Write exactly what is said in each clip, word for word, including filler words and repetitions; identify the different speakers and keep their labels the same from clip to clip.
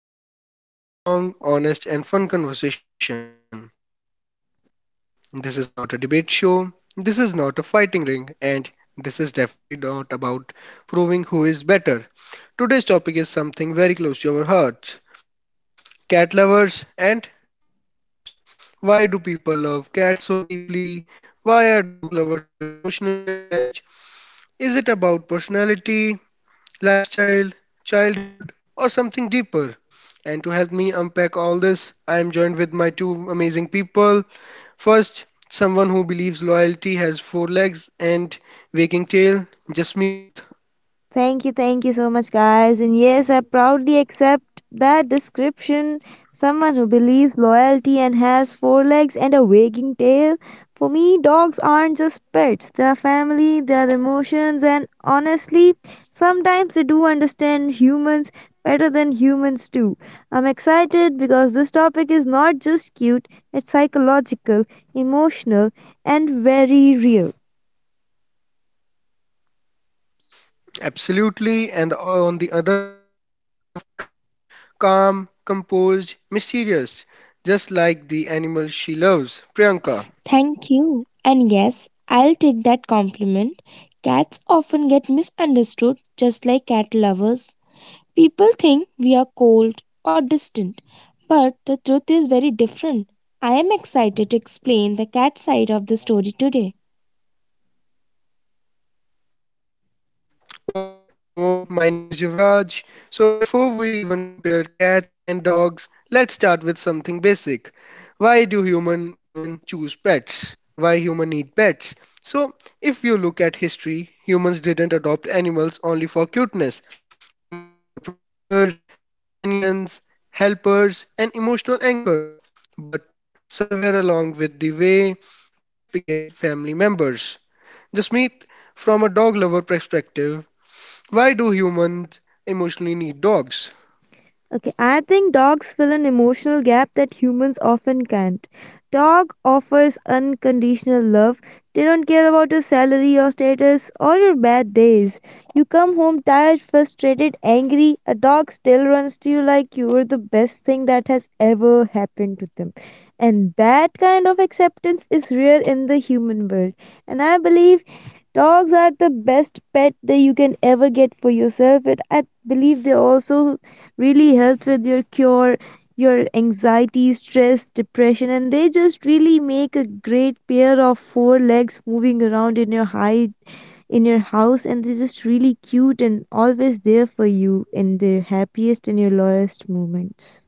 Speaker 1: everyone. Welcome back to another long, honest, and fun conversation. This is not a debate show, this is not a fighting ring, and this is definitely not about proving who is better. Today's topic is something very close to our hearts, cat lovers and dog lovers. Why do people love cats so deeply? Why are dog lovers so emotionally attached? Is it about personality, lifestyle, childhood, or something deeper? And to help me unpack all this, I am joined with my two amazing people. First, someone who believes loyalty has four legs and wagging tail, Jasmeet.
Speaker 2: Thank you, thank you so much, guys. And yes, I proudly accept that description. Someone who believes loyalty and has four legs and a wagging tail. For me, dogs aren't just pets, they are family, they are emotions, and honestly, sometimes they do understand humans better than humans do. I'm excited because this topic is not just cute, it's psychological, emotional, and very real.
Speaker 1: Absolutely. And on the other side of the couch, calm, composed, mysterious, just like the animal she loves, Priyanka.
Speaker 3: Thank you. And yes, I'll take that compliment. Cats often get misunderstood, just like cat lovers. People think we are cold or distant, but the truth is very different. I am excited to explain the cat side of the story today.
Speaker 1: Perfect. So, my name is Yuvraj. So, before we even compare cats and dogs, let's start with something basic. Why do humans even choose pets? Why humans need pets? So, if you look at history, humans didn't adopt animals only for cuteness. Animals were protectors, companions, helpers, and emotional anchors. But somewhere along with the way, pets became family members. Jasmeet, from a dog lover perspective, why do humans emotionally need dogs?
Speaker 2: Okay, I think dogs fill an emotional gap that humans often can't. Dog offers unconditional love. They don't care about your salary, your status, or your bad days. You come home tired, frustrated, angry. A dog still runs to you like you were the best thing that has ever happened to them. And that kind of acceptance is rare in the human world. And I believe dogs are the best pet that you can ever get for yourself. And I believe they also really helps with your cure your anxiety, stress, depression, and they just really make a great pair of four legs moving around in your high in your house, and they're just really cute and always there for you in their happiest and your lowest moments.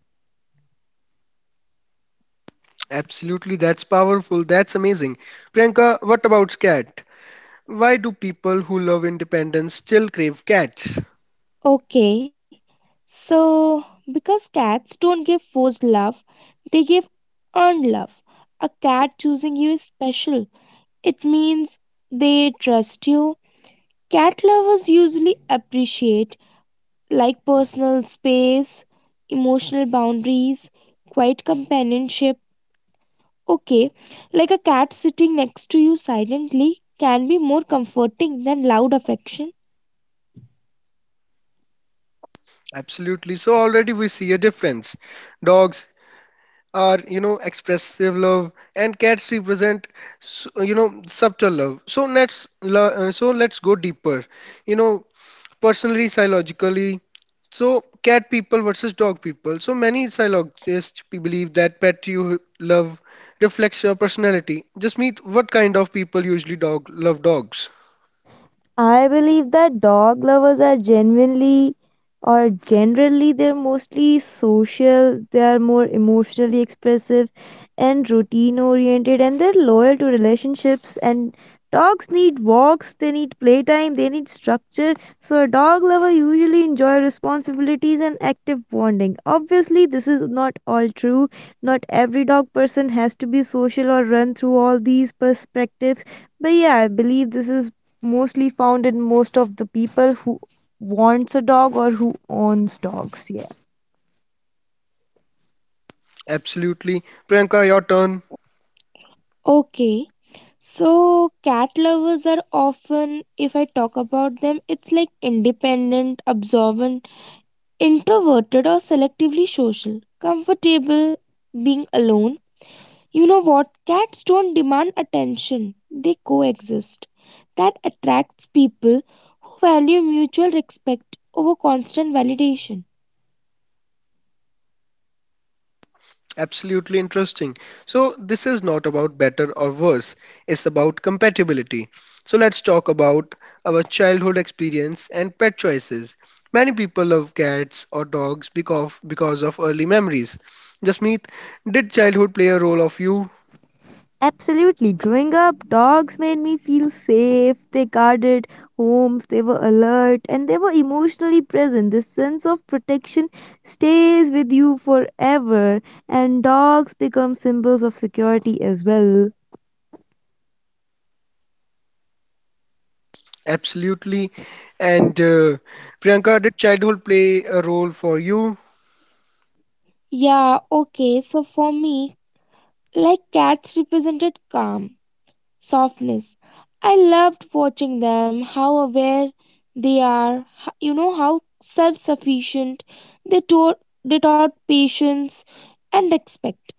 Speaker 1: Absolutely, that's powerful. That's amazing. Priyanka, what about cat? Why do people who love independence still crave cats?
Speaker 3: Okay, so because cats don't give forced love, they give earned love. A cat choosing you is special. It means they trust you. Cat lovers usually appreciate like personal space, emotional boundaries, quiet companionship. Okay, like a cat sitting next to you silently can be more comforting than loud affection.
Speaker 1: Absolutely. So already we see a difference. Dogs are, you know, expressive love, and cats represent s- you know, subtle love. So let's lo- uh, so let's go deeper, you know, personally, psychologically. So cat people versus dog people. So many psychologists pe- believe that pet you love reflects your personality. Just meet what kind of people usually dog love dogs?
Speaker 2: I believe that dog lovers are genuinely or generally they're mostly social, they are more emotionally expressive and routine oriented, and they're loyal to relationships, and dogs need walks, they need playtime, they need structure. So a dog lover usually enjoy responsibilities and active bonding. Obviously this is not all true. Not every dog person has to be social or run through all these perspectives. But yeah, I believe this is mostly found in most of the people who wants a dog or who owns dogs. Yeah.
Speaker 1: Absolutely. Priyanka, your turn.
Speaker 3: Okay, so cat lovers are often, if I talk about them, it's like independent, observant, introverted, or selectively social, comfortable being alone. You know what? Cats don't demand attention, they coexist. That attracts people who value mutual respect over constant validation.
Speaker 1: Absolutely interesting. So, this is not about better or worse, it's about compatibility. So, let's talk about our childhood experience and pet choices. Many people love cats or dogs because of, because of early memories. Jasmeet, did childhood play a role of you?
Speaker 2: Absolutely. Growing up, dogs made me feel safe. They guarded homes, they were alert, and they were emotionally present. This sense of protection stays with you forever, and dogs become symbols of security as well.
Speaker 1: Absolutely. And uh, Priyanka, did childhood play a role for you?
Speaker 3: Yeah, okay, so for me, like cats represented calm, softness. I loved watching them, how aware they are, h- you know, how self sufficient they taught, they taught patience and respect.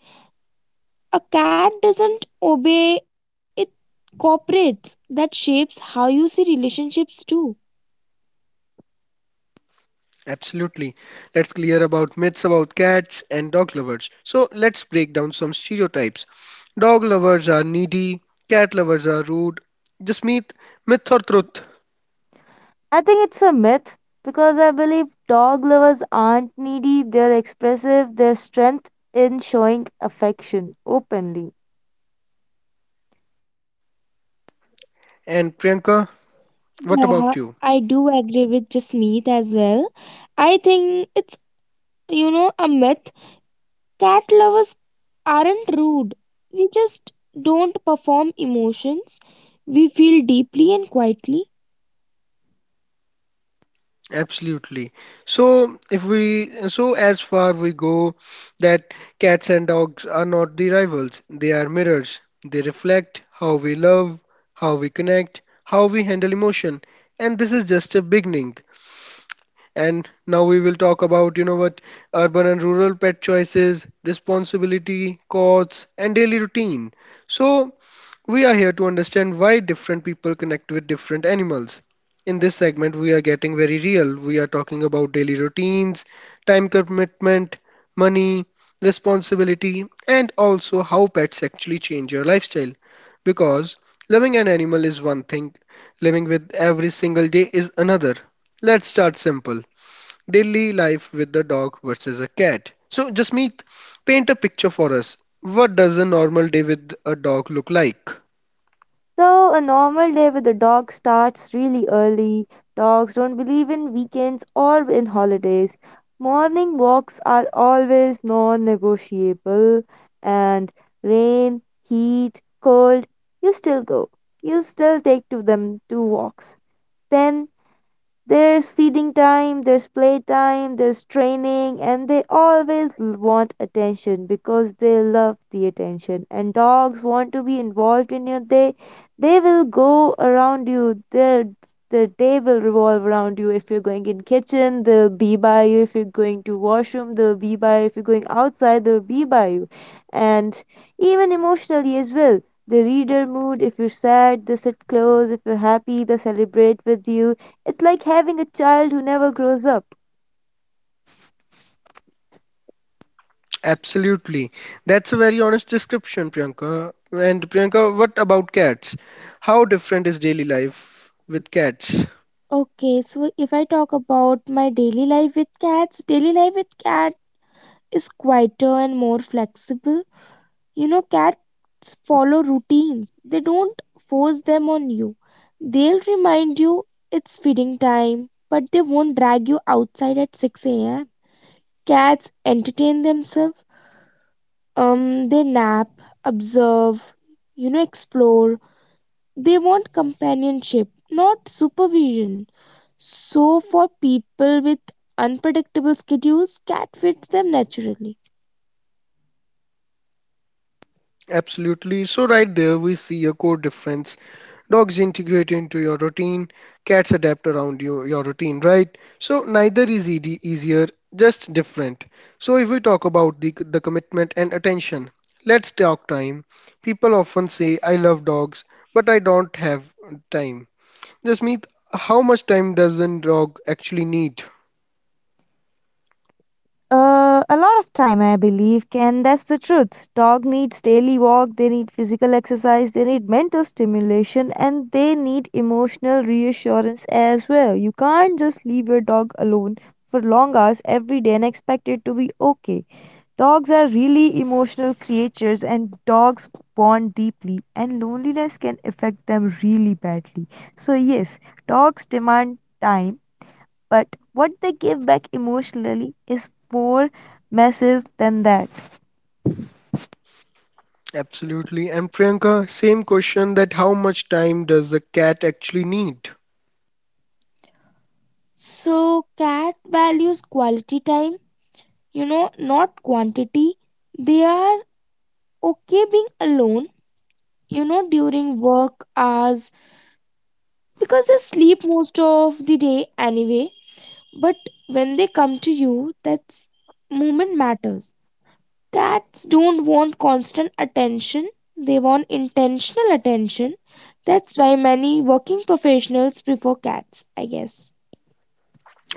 Speaker 3: A cat doesn't obey, it cooperates. That shapes how you see relationships too.
Speaker 1: Absolutely. Let's clear about myths about cats and dog lovers. So let's break down some stereotypes. Dog lovers are needy, cat lovers are rude. Just myth, myth or truth.
Speaker 2: I think it's a myth because I believe dog lovers aren't needy, they're expressive, their strength in showing affection openly.
Speaker 1: And Priyanka, what about you?
Speaker 3: Yeah, I do agree with Jasmeet as well. I think it's, you know, a myth. Cat lovers aren't rude, we just don't perform emotions, we feel deeply and quietly.
Speaker 1: Absolutely. So if we, so as far we go, that cats and dogs are not the rivals. They are mirrors. They reflect how we love, how we connect, how we handle emotion. And this is just a beginning. And now we will talk about, you know what, urban and rural pet choices, responsibility, costs, and daily routine. So, we are here to understand why different people connect with different animals. In this segment, we are getting very real. We are talking about daily routines, time commitment, money, responsibility, and also how pets actually change your lifestyle. Because loving an animal is one thing, living with every single day is another. Let's start simple. Daily life with the dog versus a cat. So, Jasmeet, paint a picture for us. What does a normal day with a dog look like?
Speaker 2: So, a normal day with a dog starts really early. Dogs don't believe in weekends or in holidays. Morning walks are always non negotiable, and rain, heat, cold, you still go. You still take to them to walks. Then there's feeding time, there's playtime, there's training, and they always l- want attention because they love the attention. And dogs want to be involved in your day. They will go around you. Their their day will revolve around you. If you're going in kitchen, they'll be by you. If you're going to washroom, they'll be by you. If you're going outside, they'll be by you. And even emotionally as well. They read your mood. If you're sad, they sit close. If you're happy, they celebrate with you. It's like having a child who never grows up.
Speaker 1: Absolutely. That's a very honest description, Priyanka. And Priyanka, what about cats? How different is daily life with cats?
Speaker 3: Okay, so if I talk about my daily life with cats daily life with cat is quieter and more flexible. You know, cats follow routines, they don't force them on you. They'll remind you it's feeding time, but they won't drag you outside at six a m. Cats entertain themselves, um, they nap, observe, you know, explore. They want companionship, not supervision. So, for people with unpredictable schedules, cat fits them naturally.
Speaker 1: Absolutely. So, right there, we see a core difference. Dogs integrate into your routine, cats adapt around you, your routine, right? So neither is easy, easier, just different. So if we talk about the, the commitment and attention, let's talk time. People often say, I love dogs, but I don't have time. Jasmeet, how much time does a dog actually need?
Speaker 2: Uh, a lot of time, I believe, Ken. That's the truth. Dog needs daily walk, they need physical exercise, they need mental stimulation, and they need emotional reassurance as well. You can't just leave your dog alone for long hours every day and expect it to be okay. Dogs are really emotional creatures, and dogs bond deeply, and loneliness can affect them really badly. So, yes, dogs demand time, but what they give back emotionally is more massive than that.
Speaker 1: Absolutely. And Priyanka, same question, that how much time does a cat actually need?
Speaker 3: So, cat values quality time, you know, not quantity. They are okay being alone, you know, during work hours, because they sleep most of the day anyway. But when they come to you, that's movement matters. Cats don't want constant attention, they want intentional attention. That's why many working professionals prefer cats, I guess.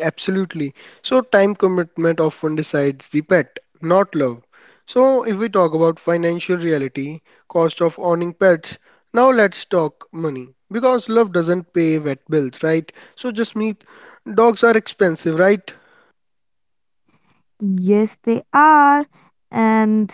Speaker 1: Absolutely. So, time commitment often decides the pet, not love. So, if we talk about financial reality, cost of owning pets, now let's talk money because love doesn't pay vet bills, right? So, just meet dogs are expensive, right?
Speaker 2: Yes, they are. And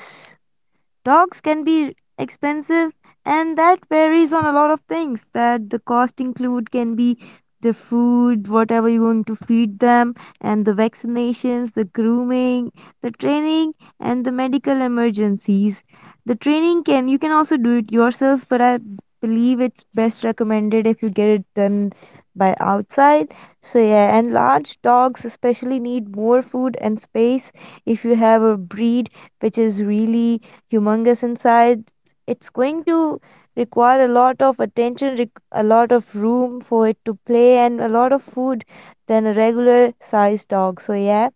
Speaker 2: Dogs can be expensive, and that varies on a lot of things that the cost include can be the food, whatever you're going to feed them, and the vaccinations, the grooming, the training, and the medical emergencies. The training can you can also do it yourself, but I believe it's best recommended if you get it done by outside. So yeah, and large dogs especially need more food and space if you have a breed which is really humongous inside. It's going to require a lot of attention, req- a lot of room for it to play, and a lot of food than a regular sized dog. So, yeah.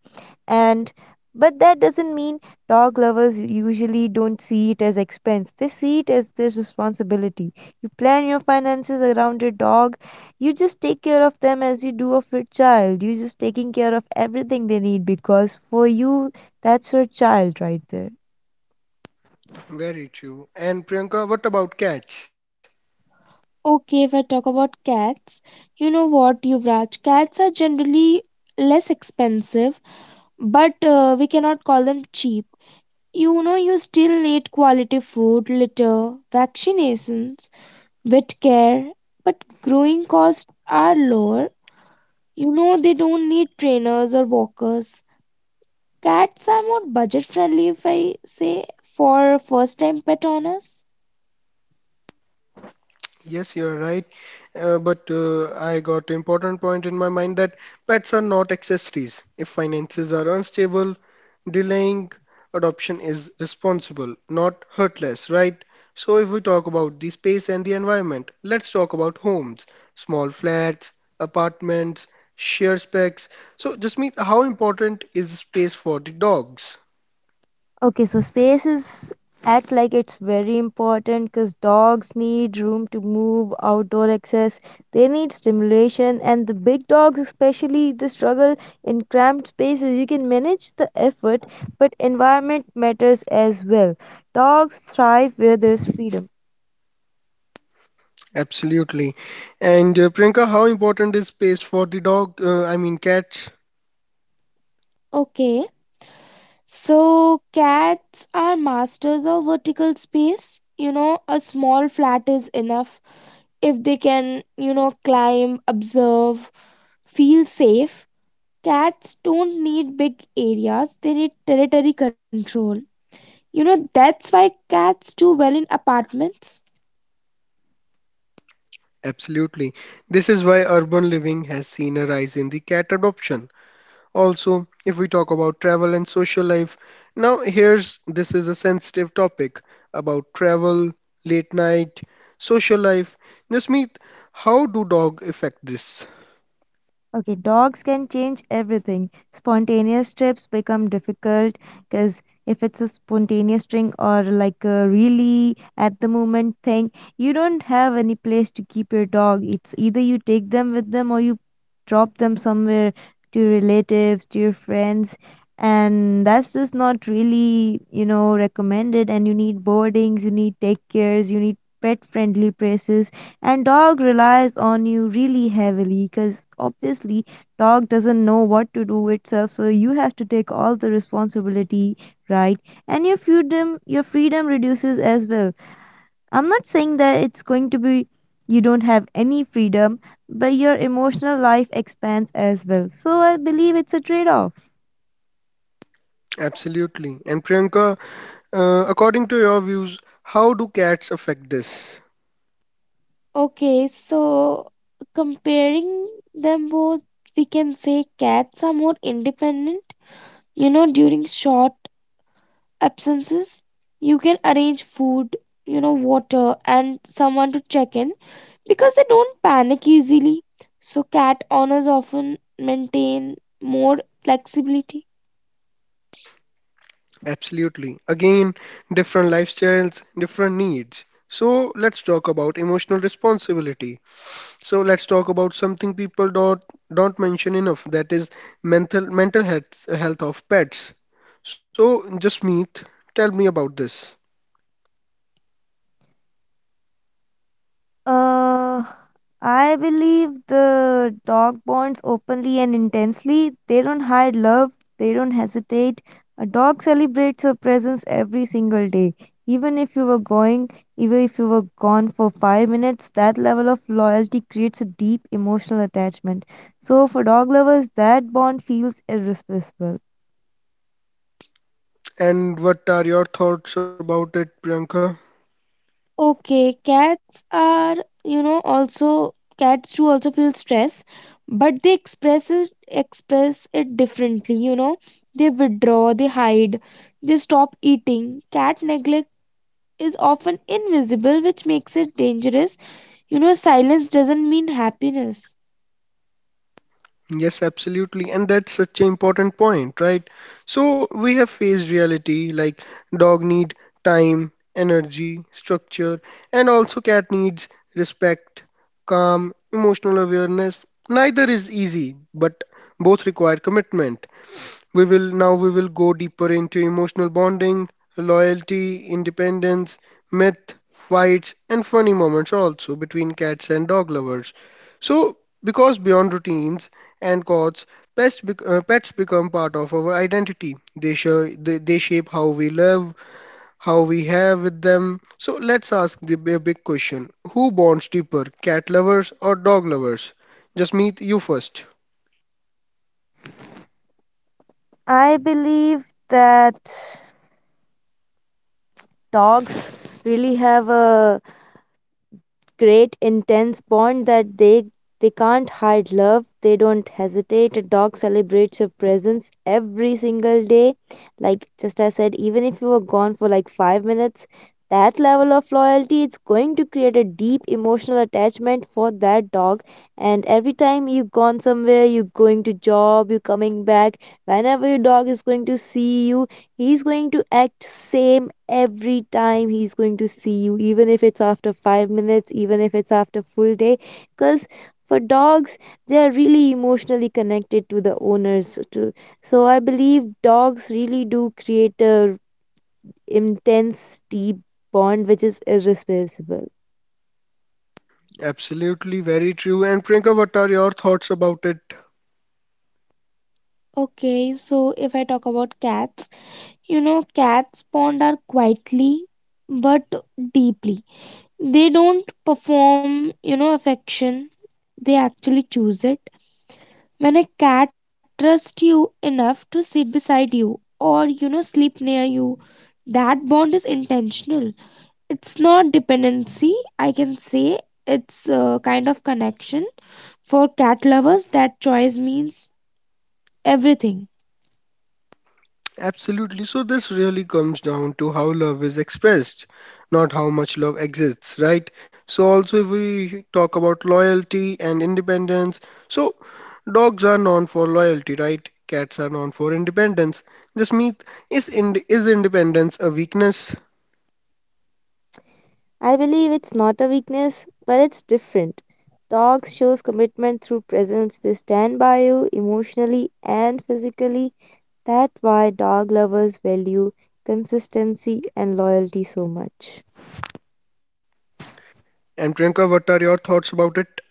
Speaker 2: And but that doesn't mean dog lovers usually don't see it as expense. They see it as their responsibility. You plan your finances around your dog. You just take care of them as you do of your child. You're just taking care of everything they need because for you, that's your child right there.
Speaker 1: Very true. And Priyanka, what about cats?
Speaker 3: Okay, if I talk about cats, you know what, Yuvraj, cats are generally less expensive, but uh, we cannot call them cheap. You know, you still need quality food, litter, vaccinations, vet care, but growing costs are lower. You know, they don't need trainers or walkers. Cats are more budget friendly, if I say, for first time pet owners.
Speaker 1: Yes, you are right. Uh, but uh, I got important point in my mind, that pets are not accessories. If finances are unstable, delaying adoption is responsible, not hurtless, right? So if we talk about the space and the environment, let's talk about homes, small flats, apartments, share specs. So just mean how important is space for the dogs?
Speaker 2: Okay, so spaces act like it's very important because dogs need room to move, outdoor access, they need stimulation, and the big dogs, especially, they struggle in cramped spaces. You can manage the effort, but environment matters as well. Dogs thrive where there's freedom.
Speaker 1: Absolutely. And uh, Priyanka, how important is space for the dog? Uh, I mean cats?
Speaker 3: Okay, so cats are masters of vertical space. You know, a small flat is enough if they can, you know, climb, observe, feel safe. Cats don't need big areas, they need territory control. You know, that's why cats do well in apartments.
Speaker 1: Absolutely. This is why urban living has seen a rise in the cat adoption. Also, if we talk about travel and social life, now here's, this is a sensitive topic about travel, late night, social life. Jasmeet, how do dog affect this?
Speaker 2: Okay, dogs can change everything. Spontaneous trips become difficult because if it's a spontaneous thing or like a really at the moment thing, you don't have any place to keep your dog. It's either you take them with them or you drop them somewhere to your relatives, to your friends. And that's just not really, you know, recommended. And you need boardings, you need take cares, you need pet friendly places, and dog relies on you really heavily because obviously dog doesn't know what to do itself, so you have to take all the responsibility, right? And your freedom your freedom reduces as well. I'm not saying that it's going to be you don't have any freedom, but your emotional life expands as well, so I believe it's a trade off.
Speaker 1: Absolutely. And Priyanka, uh, according to your views, how do cats affect this?
Speaker 3: Okay, so comparing them both, we can say cats are more independent, you know, during short absences. You can arrange food, you know, water, and someone to check in, because they don't panic easily. So cat owners often maintain more flexibility.
Speaker 1: Absolutely. Again, different lifestyles, different needs. So let's talk about emotional responsibility. So let's talk about something people don't don't mention enough, that is mental mental health health of pets. So Jasmeet, tell me about this.
Speaker 2: Uh, I believe the dog bonds openly and intensely. They don't hide love, they don't hesitate. A dog celebrates your presence every single day. Even if you were going, even if you were gone for five minutes, that level of loyalty creates a deep emotional attachment. So, for dog lovers, that bond feels irreplaceable.
Speaker 1: And what are your thoughts about it, Priyanka?
Speaker 3: Okay, cats are, you know, also cats too also feel stress, but they express it express it differently. You know, they withdraw, they hide, they stop eating. Cat neglect is often invisible, which makes it dangerous. You know, silence doesn't mean happiness.
Speaker 1: Yes, absolutely. And that's such an important point, right? So we have faced reality, like dog need time, energy, structure, and also cat needs respect, calm, emotional awareness. Neither is easy, but both require commitment. We will now we will go deeper into emotional bonding, loyalty, independence, myth, fights, and funny moments also between cats and dog lovers. So, because beyond routines and cots, pets bec- uh, pets become part of our identity. They show, they, they shape how we live, how we have with them. So let's ask the b- big question: Who bonds deeper, cat lovers or dog lovers? Just meet you first.
Speaker 2: I believe that dogs really have a great intense bond that they they can't hide love, they don't hesitate. A dog celebrates your presence every single day, like just I said, even if you were gone for like five minutes, that level of loyalty, it's going to create a deep emotional attachment for that dog. And every time you gone somewhere, you going to job, you coming back, whenever your dog is going to see you, he's going to act same every time he's going to see you, even if it's after five minutes, even if it's after full day. Cuz for dogs, they are really emotionally connected to the owners too. So I believe dogs really do create a intense deep bond which is irreplaceable.
Speaker 1: Absolutely, very true. And Priyanka, what are your thoughts about it?
Speaker 3: Okay, so if I talk about cats, you know, cats bond are quietly but deeply. They don't perform, you know, affection, they actually choose it. When a cat trusts you enough to sit beside you or, you know, sleep near you, that bond is intentional. It's not dependency, I can say. It's a kind of connection. For cat lovers, that choice means everything.
Speaker 1: Absolutely. So this really comes down to how love is expressed, not how much love exists, right? So also if we talk about loyalty and independence, so dogs are known for loyalty, right? Cats are known for independence. Jasmeet, is ind is independence a weakness?
Speaker 2: I believe it's not a weakness, but it's different. Dogs shows commitment through presence. They stand by you emotionally and physically. That's why dog lovers value consistency and loyalty so much.
Speaker 1: And Priyanka, what are your thoughts about it?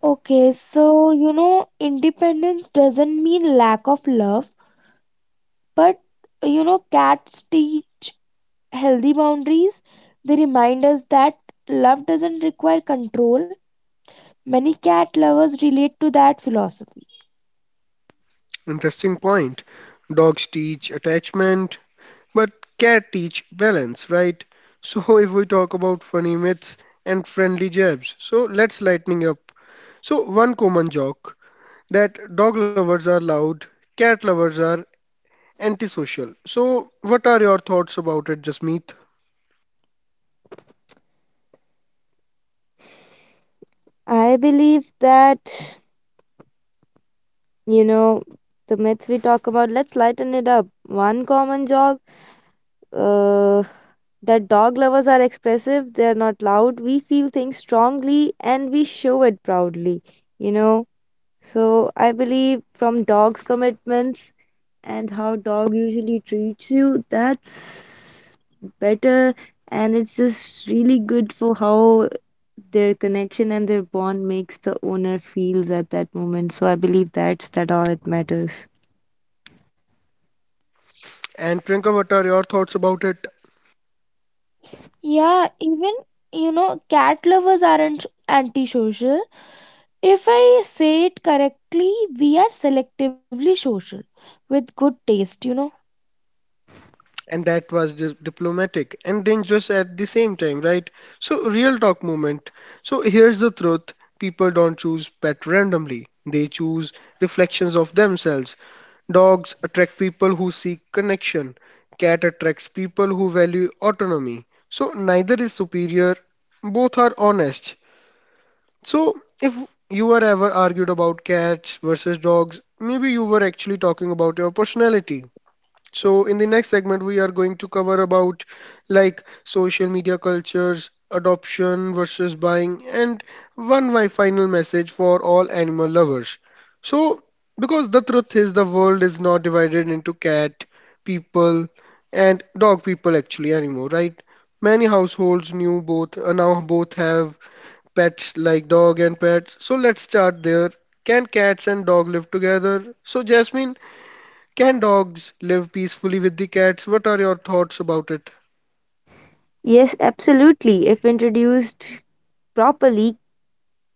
Speaker 3: Okay, so you know, independence doesn't mean lack of love, but you know, cats teach healthy boundaries. They remind us that love doesn't require control. Many cat lovers relate to that philosophy.
Speaker 1: Interesting point. Dogs teach attachment, but care teach balance, right? So if we talk about funny myths and friendly jabs, so let's lighten up. So one common joke, that dog lovers are loud, cat lovers are antisocial. So what are your thoughts about it, Jasmeet?
Speaker 2: I believe that, you know, the myths we talk about, let's lighten it up. One common jog, uh, that dog lovers are expressive, they're not loud. We feel things strongly and we show it proudly. You know, so I believe from dog's commitments and how dog usually treats you, that's better, and it's just really good for how their connection and their bond makes the owner feels at that moment. So I believe that's that all it matters.
Speaker 1: And Priyanka, what are your thoughts about it?
Speaker 3: Yeah, even you know, cat lovers aren't antisocial. If I say it correctly, we are selectively social with good taste, you know.
Speaker 1: And that was di- diplomatic and dangerous at the same time, right? So real talk moment. So here's the truth: people don't choose pet randomly; they choose reflections of themselves. Dogs attract people who seek connection. Cat attracts people who value autonomy. So neither is superior, both are honest. So if you were ever argued about cats versus dogs, maybe you were actually talking about your personality. So in the next segment, we are going to cover about like social media cultures, adoption versus buying, and one my final message for all animal lovers. So because the truth is the world is not divided into cat people and dog people actually anymore, right? Many households knew both, uh, now both have pets like dog and pets. So let's start there. Can cats and dog live together? So Jasmine, can dogs live peacefully with the cats? What are your thoughts about it?
Speaker 2: Yes, absolutely. If introduced properly,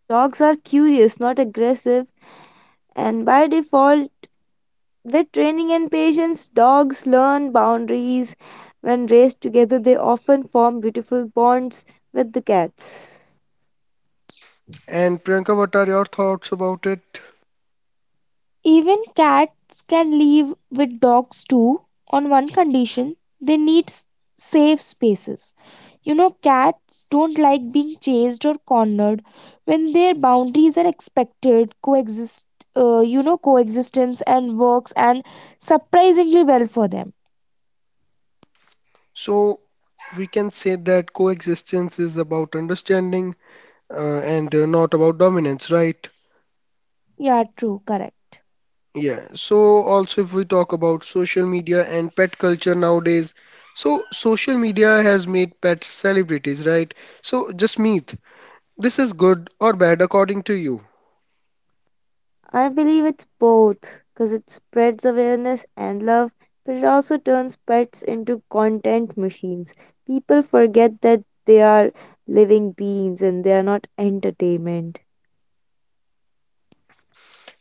Speaker 2: dogs are curious, not aggressive, and by default with training and patience, dogs learn boundaries. When raised together, they often form beautiful bonds with the cats.
Speaker 1: And Priyanka, what are your thoughts about it?
Speaker 3: Even cats can live with dogs too, on one condition, they need s- safe spaces. You know, cats don't like being chased or cornered. When their boundaries are expected, coexist, uh, you know, coexistence and works and surprisingly well for them.
Speaker 1: So, we can say that coexistence is about understanding, uh, and uh, not about dominance, right?
Speaker 3: Yeah, true, correct.
Speaker 1: Yeah. So, also, if we talk about social media and pet culture nowadays, so social media has made pets celebrities, right? So, just meet. This is good or bad according to you?
Speaker 2: I believe it's both because it spreads awareness and love, but it also turns pets into content machines. People forget that they are living beings and they are not entertainment.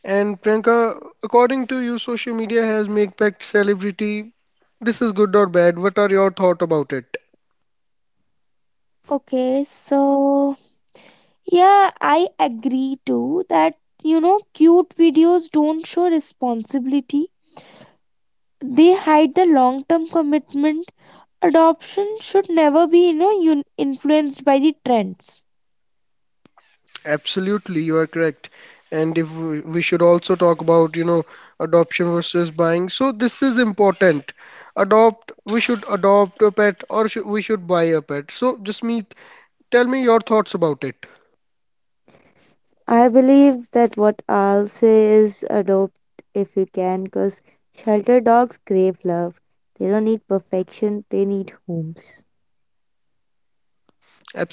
Speaker 1: And Priyanka, according to you, social media has made Pact celebrity. This is good or bad? What are your thoughts about it?
Speaker 3: Okay, so yeah, I agree too that you know cute videos don't show responsibility. They hide the long-term commitment. Adoption should never be, you know, un- influenced by the trends.
Speaker 1: Absolutely, you are correct. And if we we should also talk about, you know, adoption versus buying. So this is important. Adopt, we should adopt a pet, or should, we should buy a pet. So Jasmeet, tell me your thoughts about it.
Speaker 2: I believe that what I'll say is adopt if you can, because shelter dogs crave love. They don't need perfection, they need homes.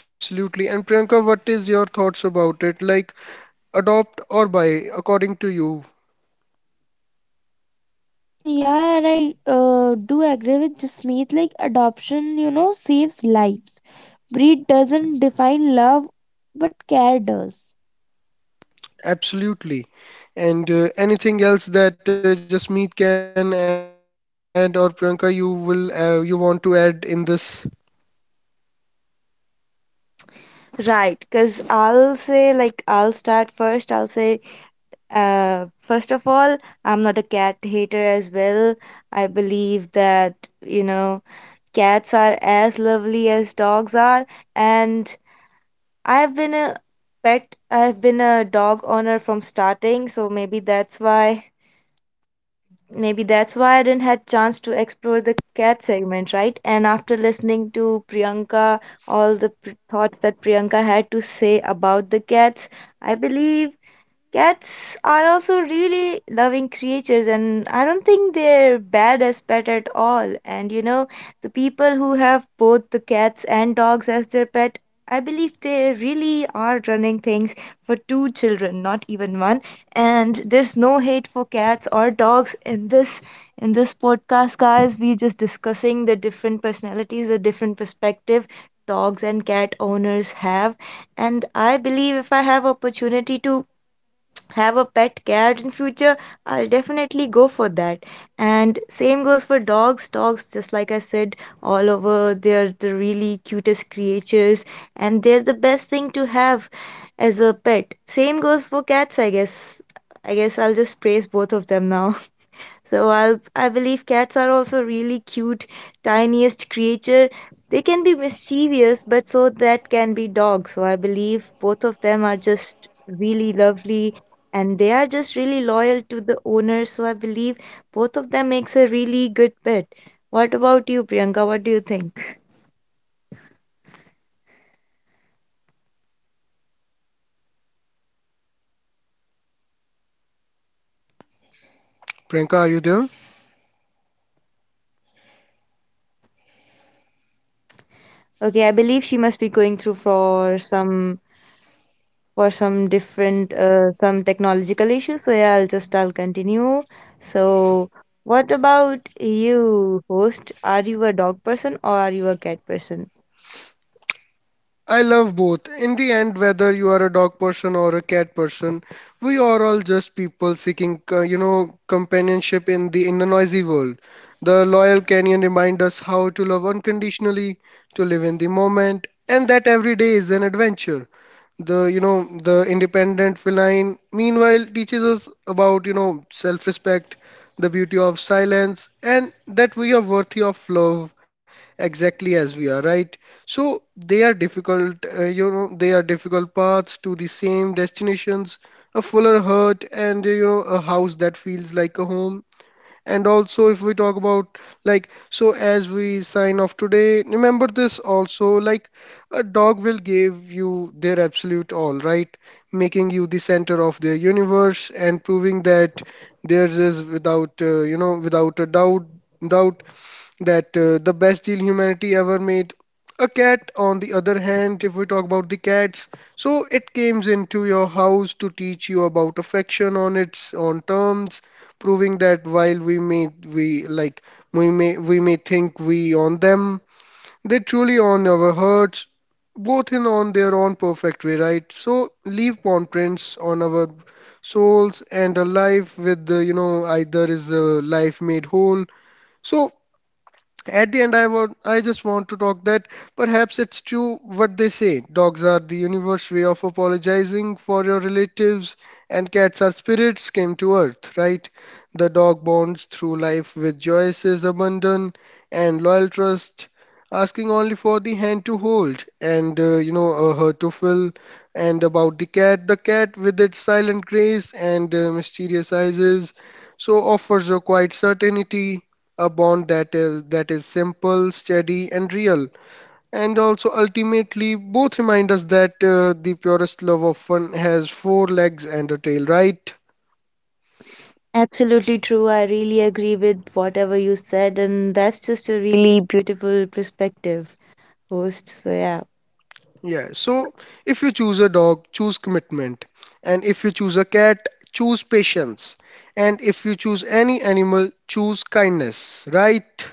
Speaker 1: Absolutely. And Priyanka, what is your thoughts about it? Like adopt or buy, according to you?
Speaker 3: Yeah, and I uh, do agree with Jasmeet. Like adoption, you know, saves lives. Breed doesn't define love, but care does.
Speaker 1: Absolutely. And uh, anything else that uh, Jasmeet can add, or Priyanka, you will uh, you want to add in this?
Speaker 2: Right, because I'll say, like, I'll start first. I'll say, uh, first of all, I'm not a cat hater as well. I believe that, you know, cats are as lovely as dogs are. And I've been a pet, I've been a dog owner from starting, so maybe that's why maybe that's why I didn't had chance to explore the cat segment, right? And after listening to Priyanka, all the pr- thoughts that Priyanka had to say about the cats, I believe cats are also really loving creatures, and I don't think they're bad as pet at all. And you know, the people who have both the cats and dogs as their pet, I believe they really are running things for two children, not even one. And there's no hate for cats or dogs in this in this podcast, guys. We're just discussing the different personalities, the different perspective dogs and cat owners have. And I believe if I have opportunity to have a pet cat in future, I'll definitely go for that. And same goes for dogs. Dogs, just like I said, all over, they're the really cutest creatures, and they're the best thing to have as a pet. Same goes for cats, I guess. I guess I'll just praise both of them now. So I I believe cats are also really cute, tiniest creature. They can be mischievous, but so that can be dogs. So I believe both of them are just really lovely, and they are just really loyal to the owner. So I believe both of them makes a really good pet. What about you, Priyanka? What do you think?
Speaker 1: Priyanka, are you there?
Speaker 2: Okay, I believe she must be going through for some for some different uh, some technological issues, so yeah, i'll just i'll continue. So what about you, host, are you a dog person or are you a cat person?
Speaker 1: I love both. In the end, whether you are a dog person or a cat person, we are all just people seeking, uh, you know, companionship in the in a noisy world. The loyal canyon reminds us how to love unconditionally, to live in the moment, and that every day is an adventure. The, you know, the independent feline, meanwhile, teaches us about, you know, self-respect, the beauty of silence, and that we are worthy of love exactly as we are, right? So they are difficult, uh, you know, they are difficult paths to the same destinations, a fuller heart and, uh, you know, a house that feels like a home. And also, if we talk about, like, so as we sign off today, remember this also, like, a dog will give you their absolute all, right? Making you the center of their universe and proving that theirs is without, uh, you know, without a doubt, doubt that uh, the best deal humanity ever made. A cat, on the other hand, if we talk about the cats, so it came into your house to teach you about affection on its own terms, proving that while we may we like we may we may think we own them, they truly own our hearts, both in on their own perfect way, right? So leave imprints on our souls, and a life with the, you know, either is a life made whole. So at the end, I want, I just want to talk that perhaps it's true what they say. Dogs are the universe way of apologizing for your relatives, and cats are spirits came to earth, right? The dog bonds through life with Joyce's abandon and loyal trust, asking only for the hand to hold and, uh, you know, a heart to fill. And about the cat, the cat with its silent grace and uh, mysterious eyes, so offers a quiet certainty, a bond that is that is simple, steady, and real. And also, ultimately, both remind us that uh, the purest love often has four legs and a tail, right?
Speaker 2: Absolutely true, I really agree with whatever you said, and that's just a really beautiful perspective, host. So yeah.
Speaker 1: Yeah. So, if you choose a dog, choose commitment, and if you choose a cat, choose patience, and if you choose any animal, choose kindness, right?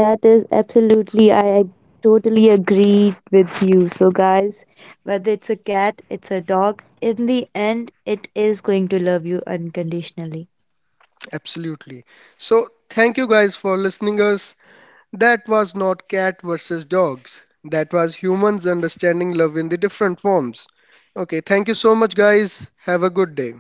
Speaker 2: That is absolutely, I totally agree with you. So guys, whether it's a cat, it's a dog, in the end, it is going to love you unconditionally.
Speaker 1: Absolutely. So, thank you guys for listening us. That was not cat versus dogs. That was humans understanding love in the different forms. Okay, thank you so much, guys. Have a good day.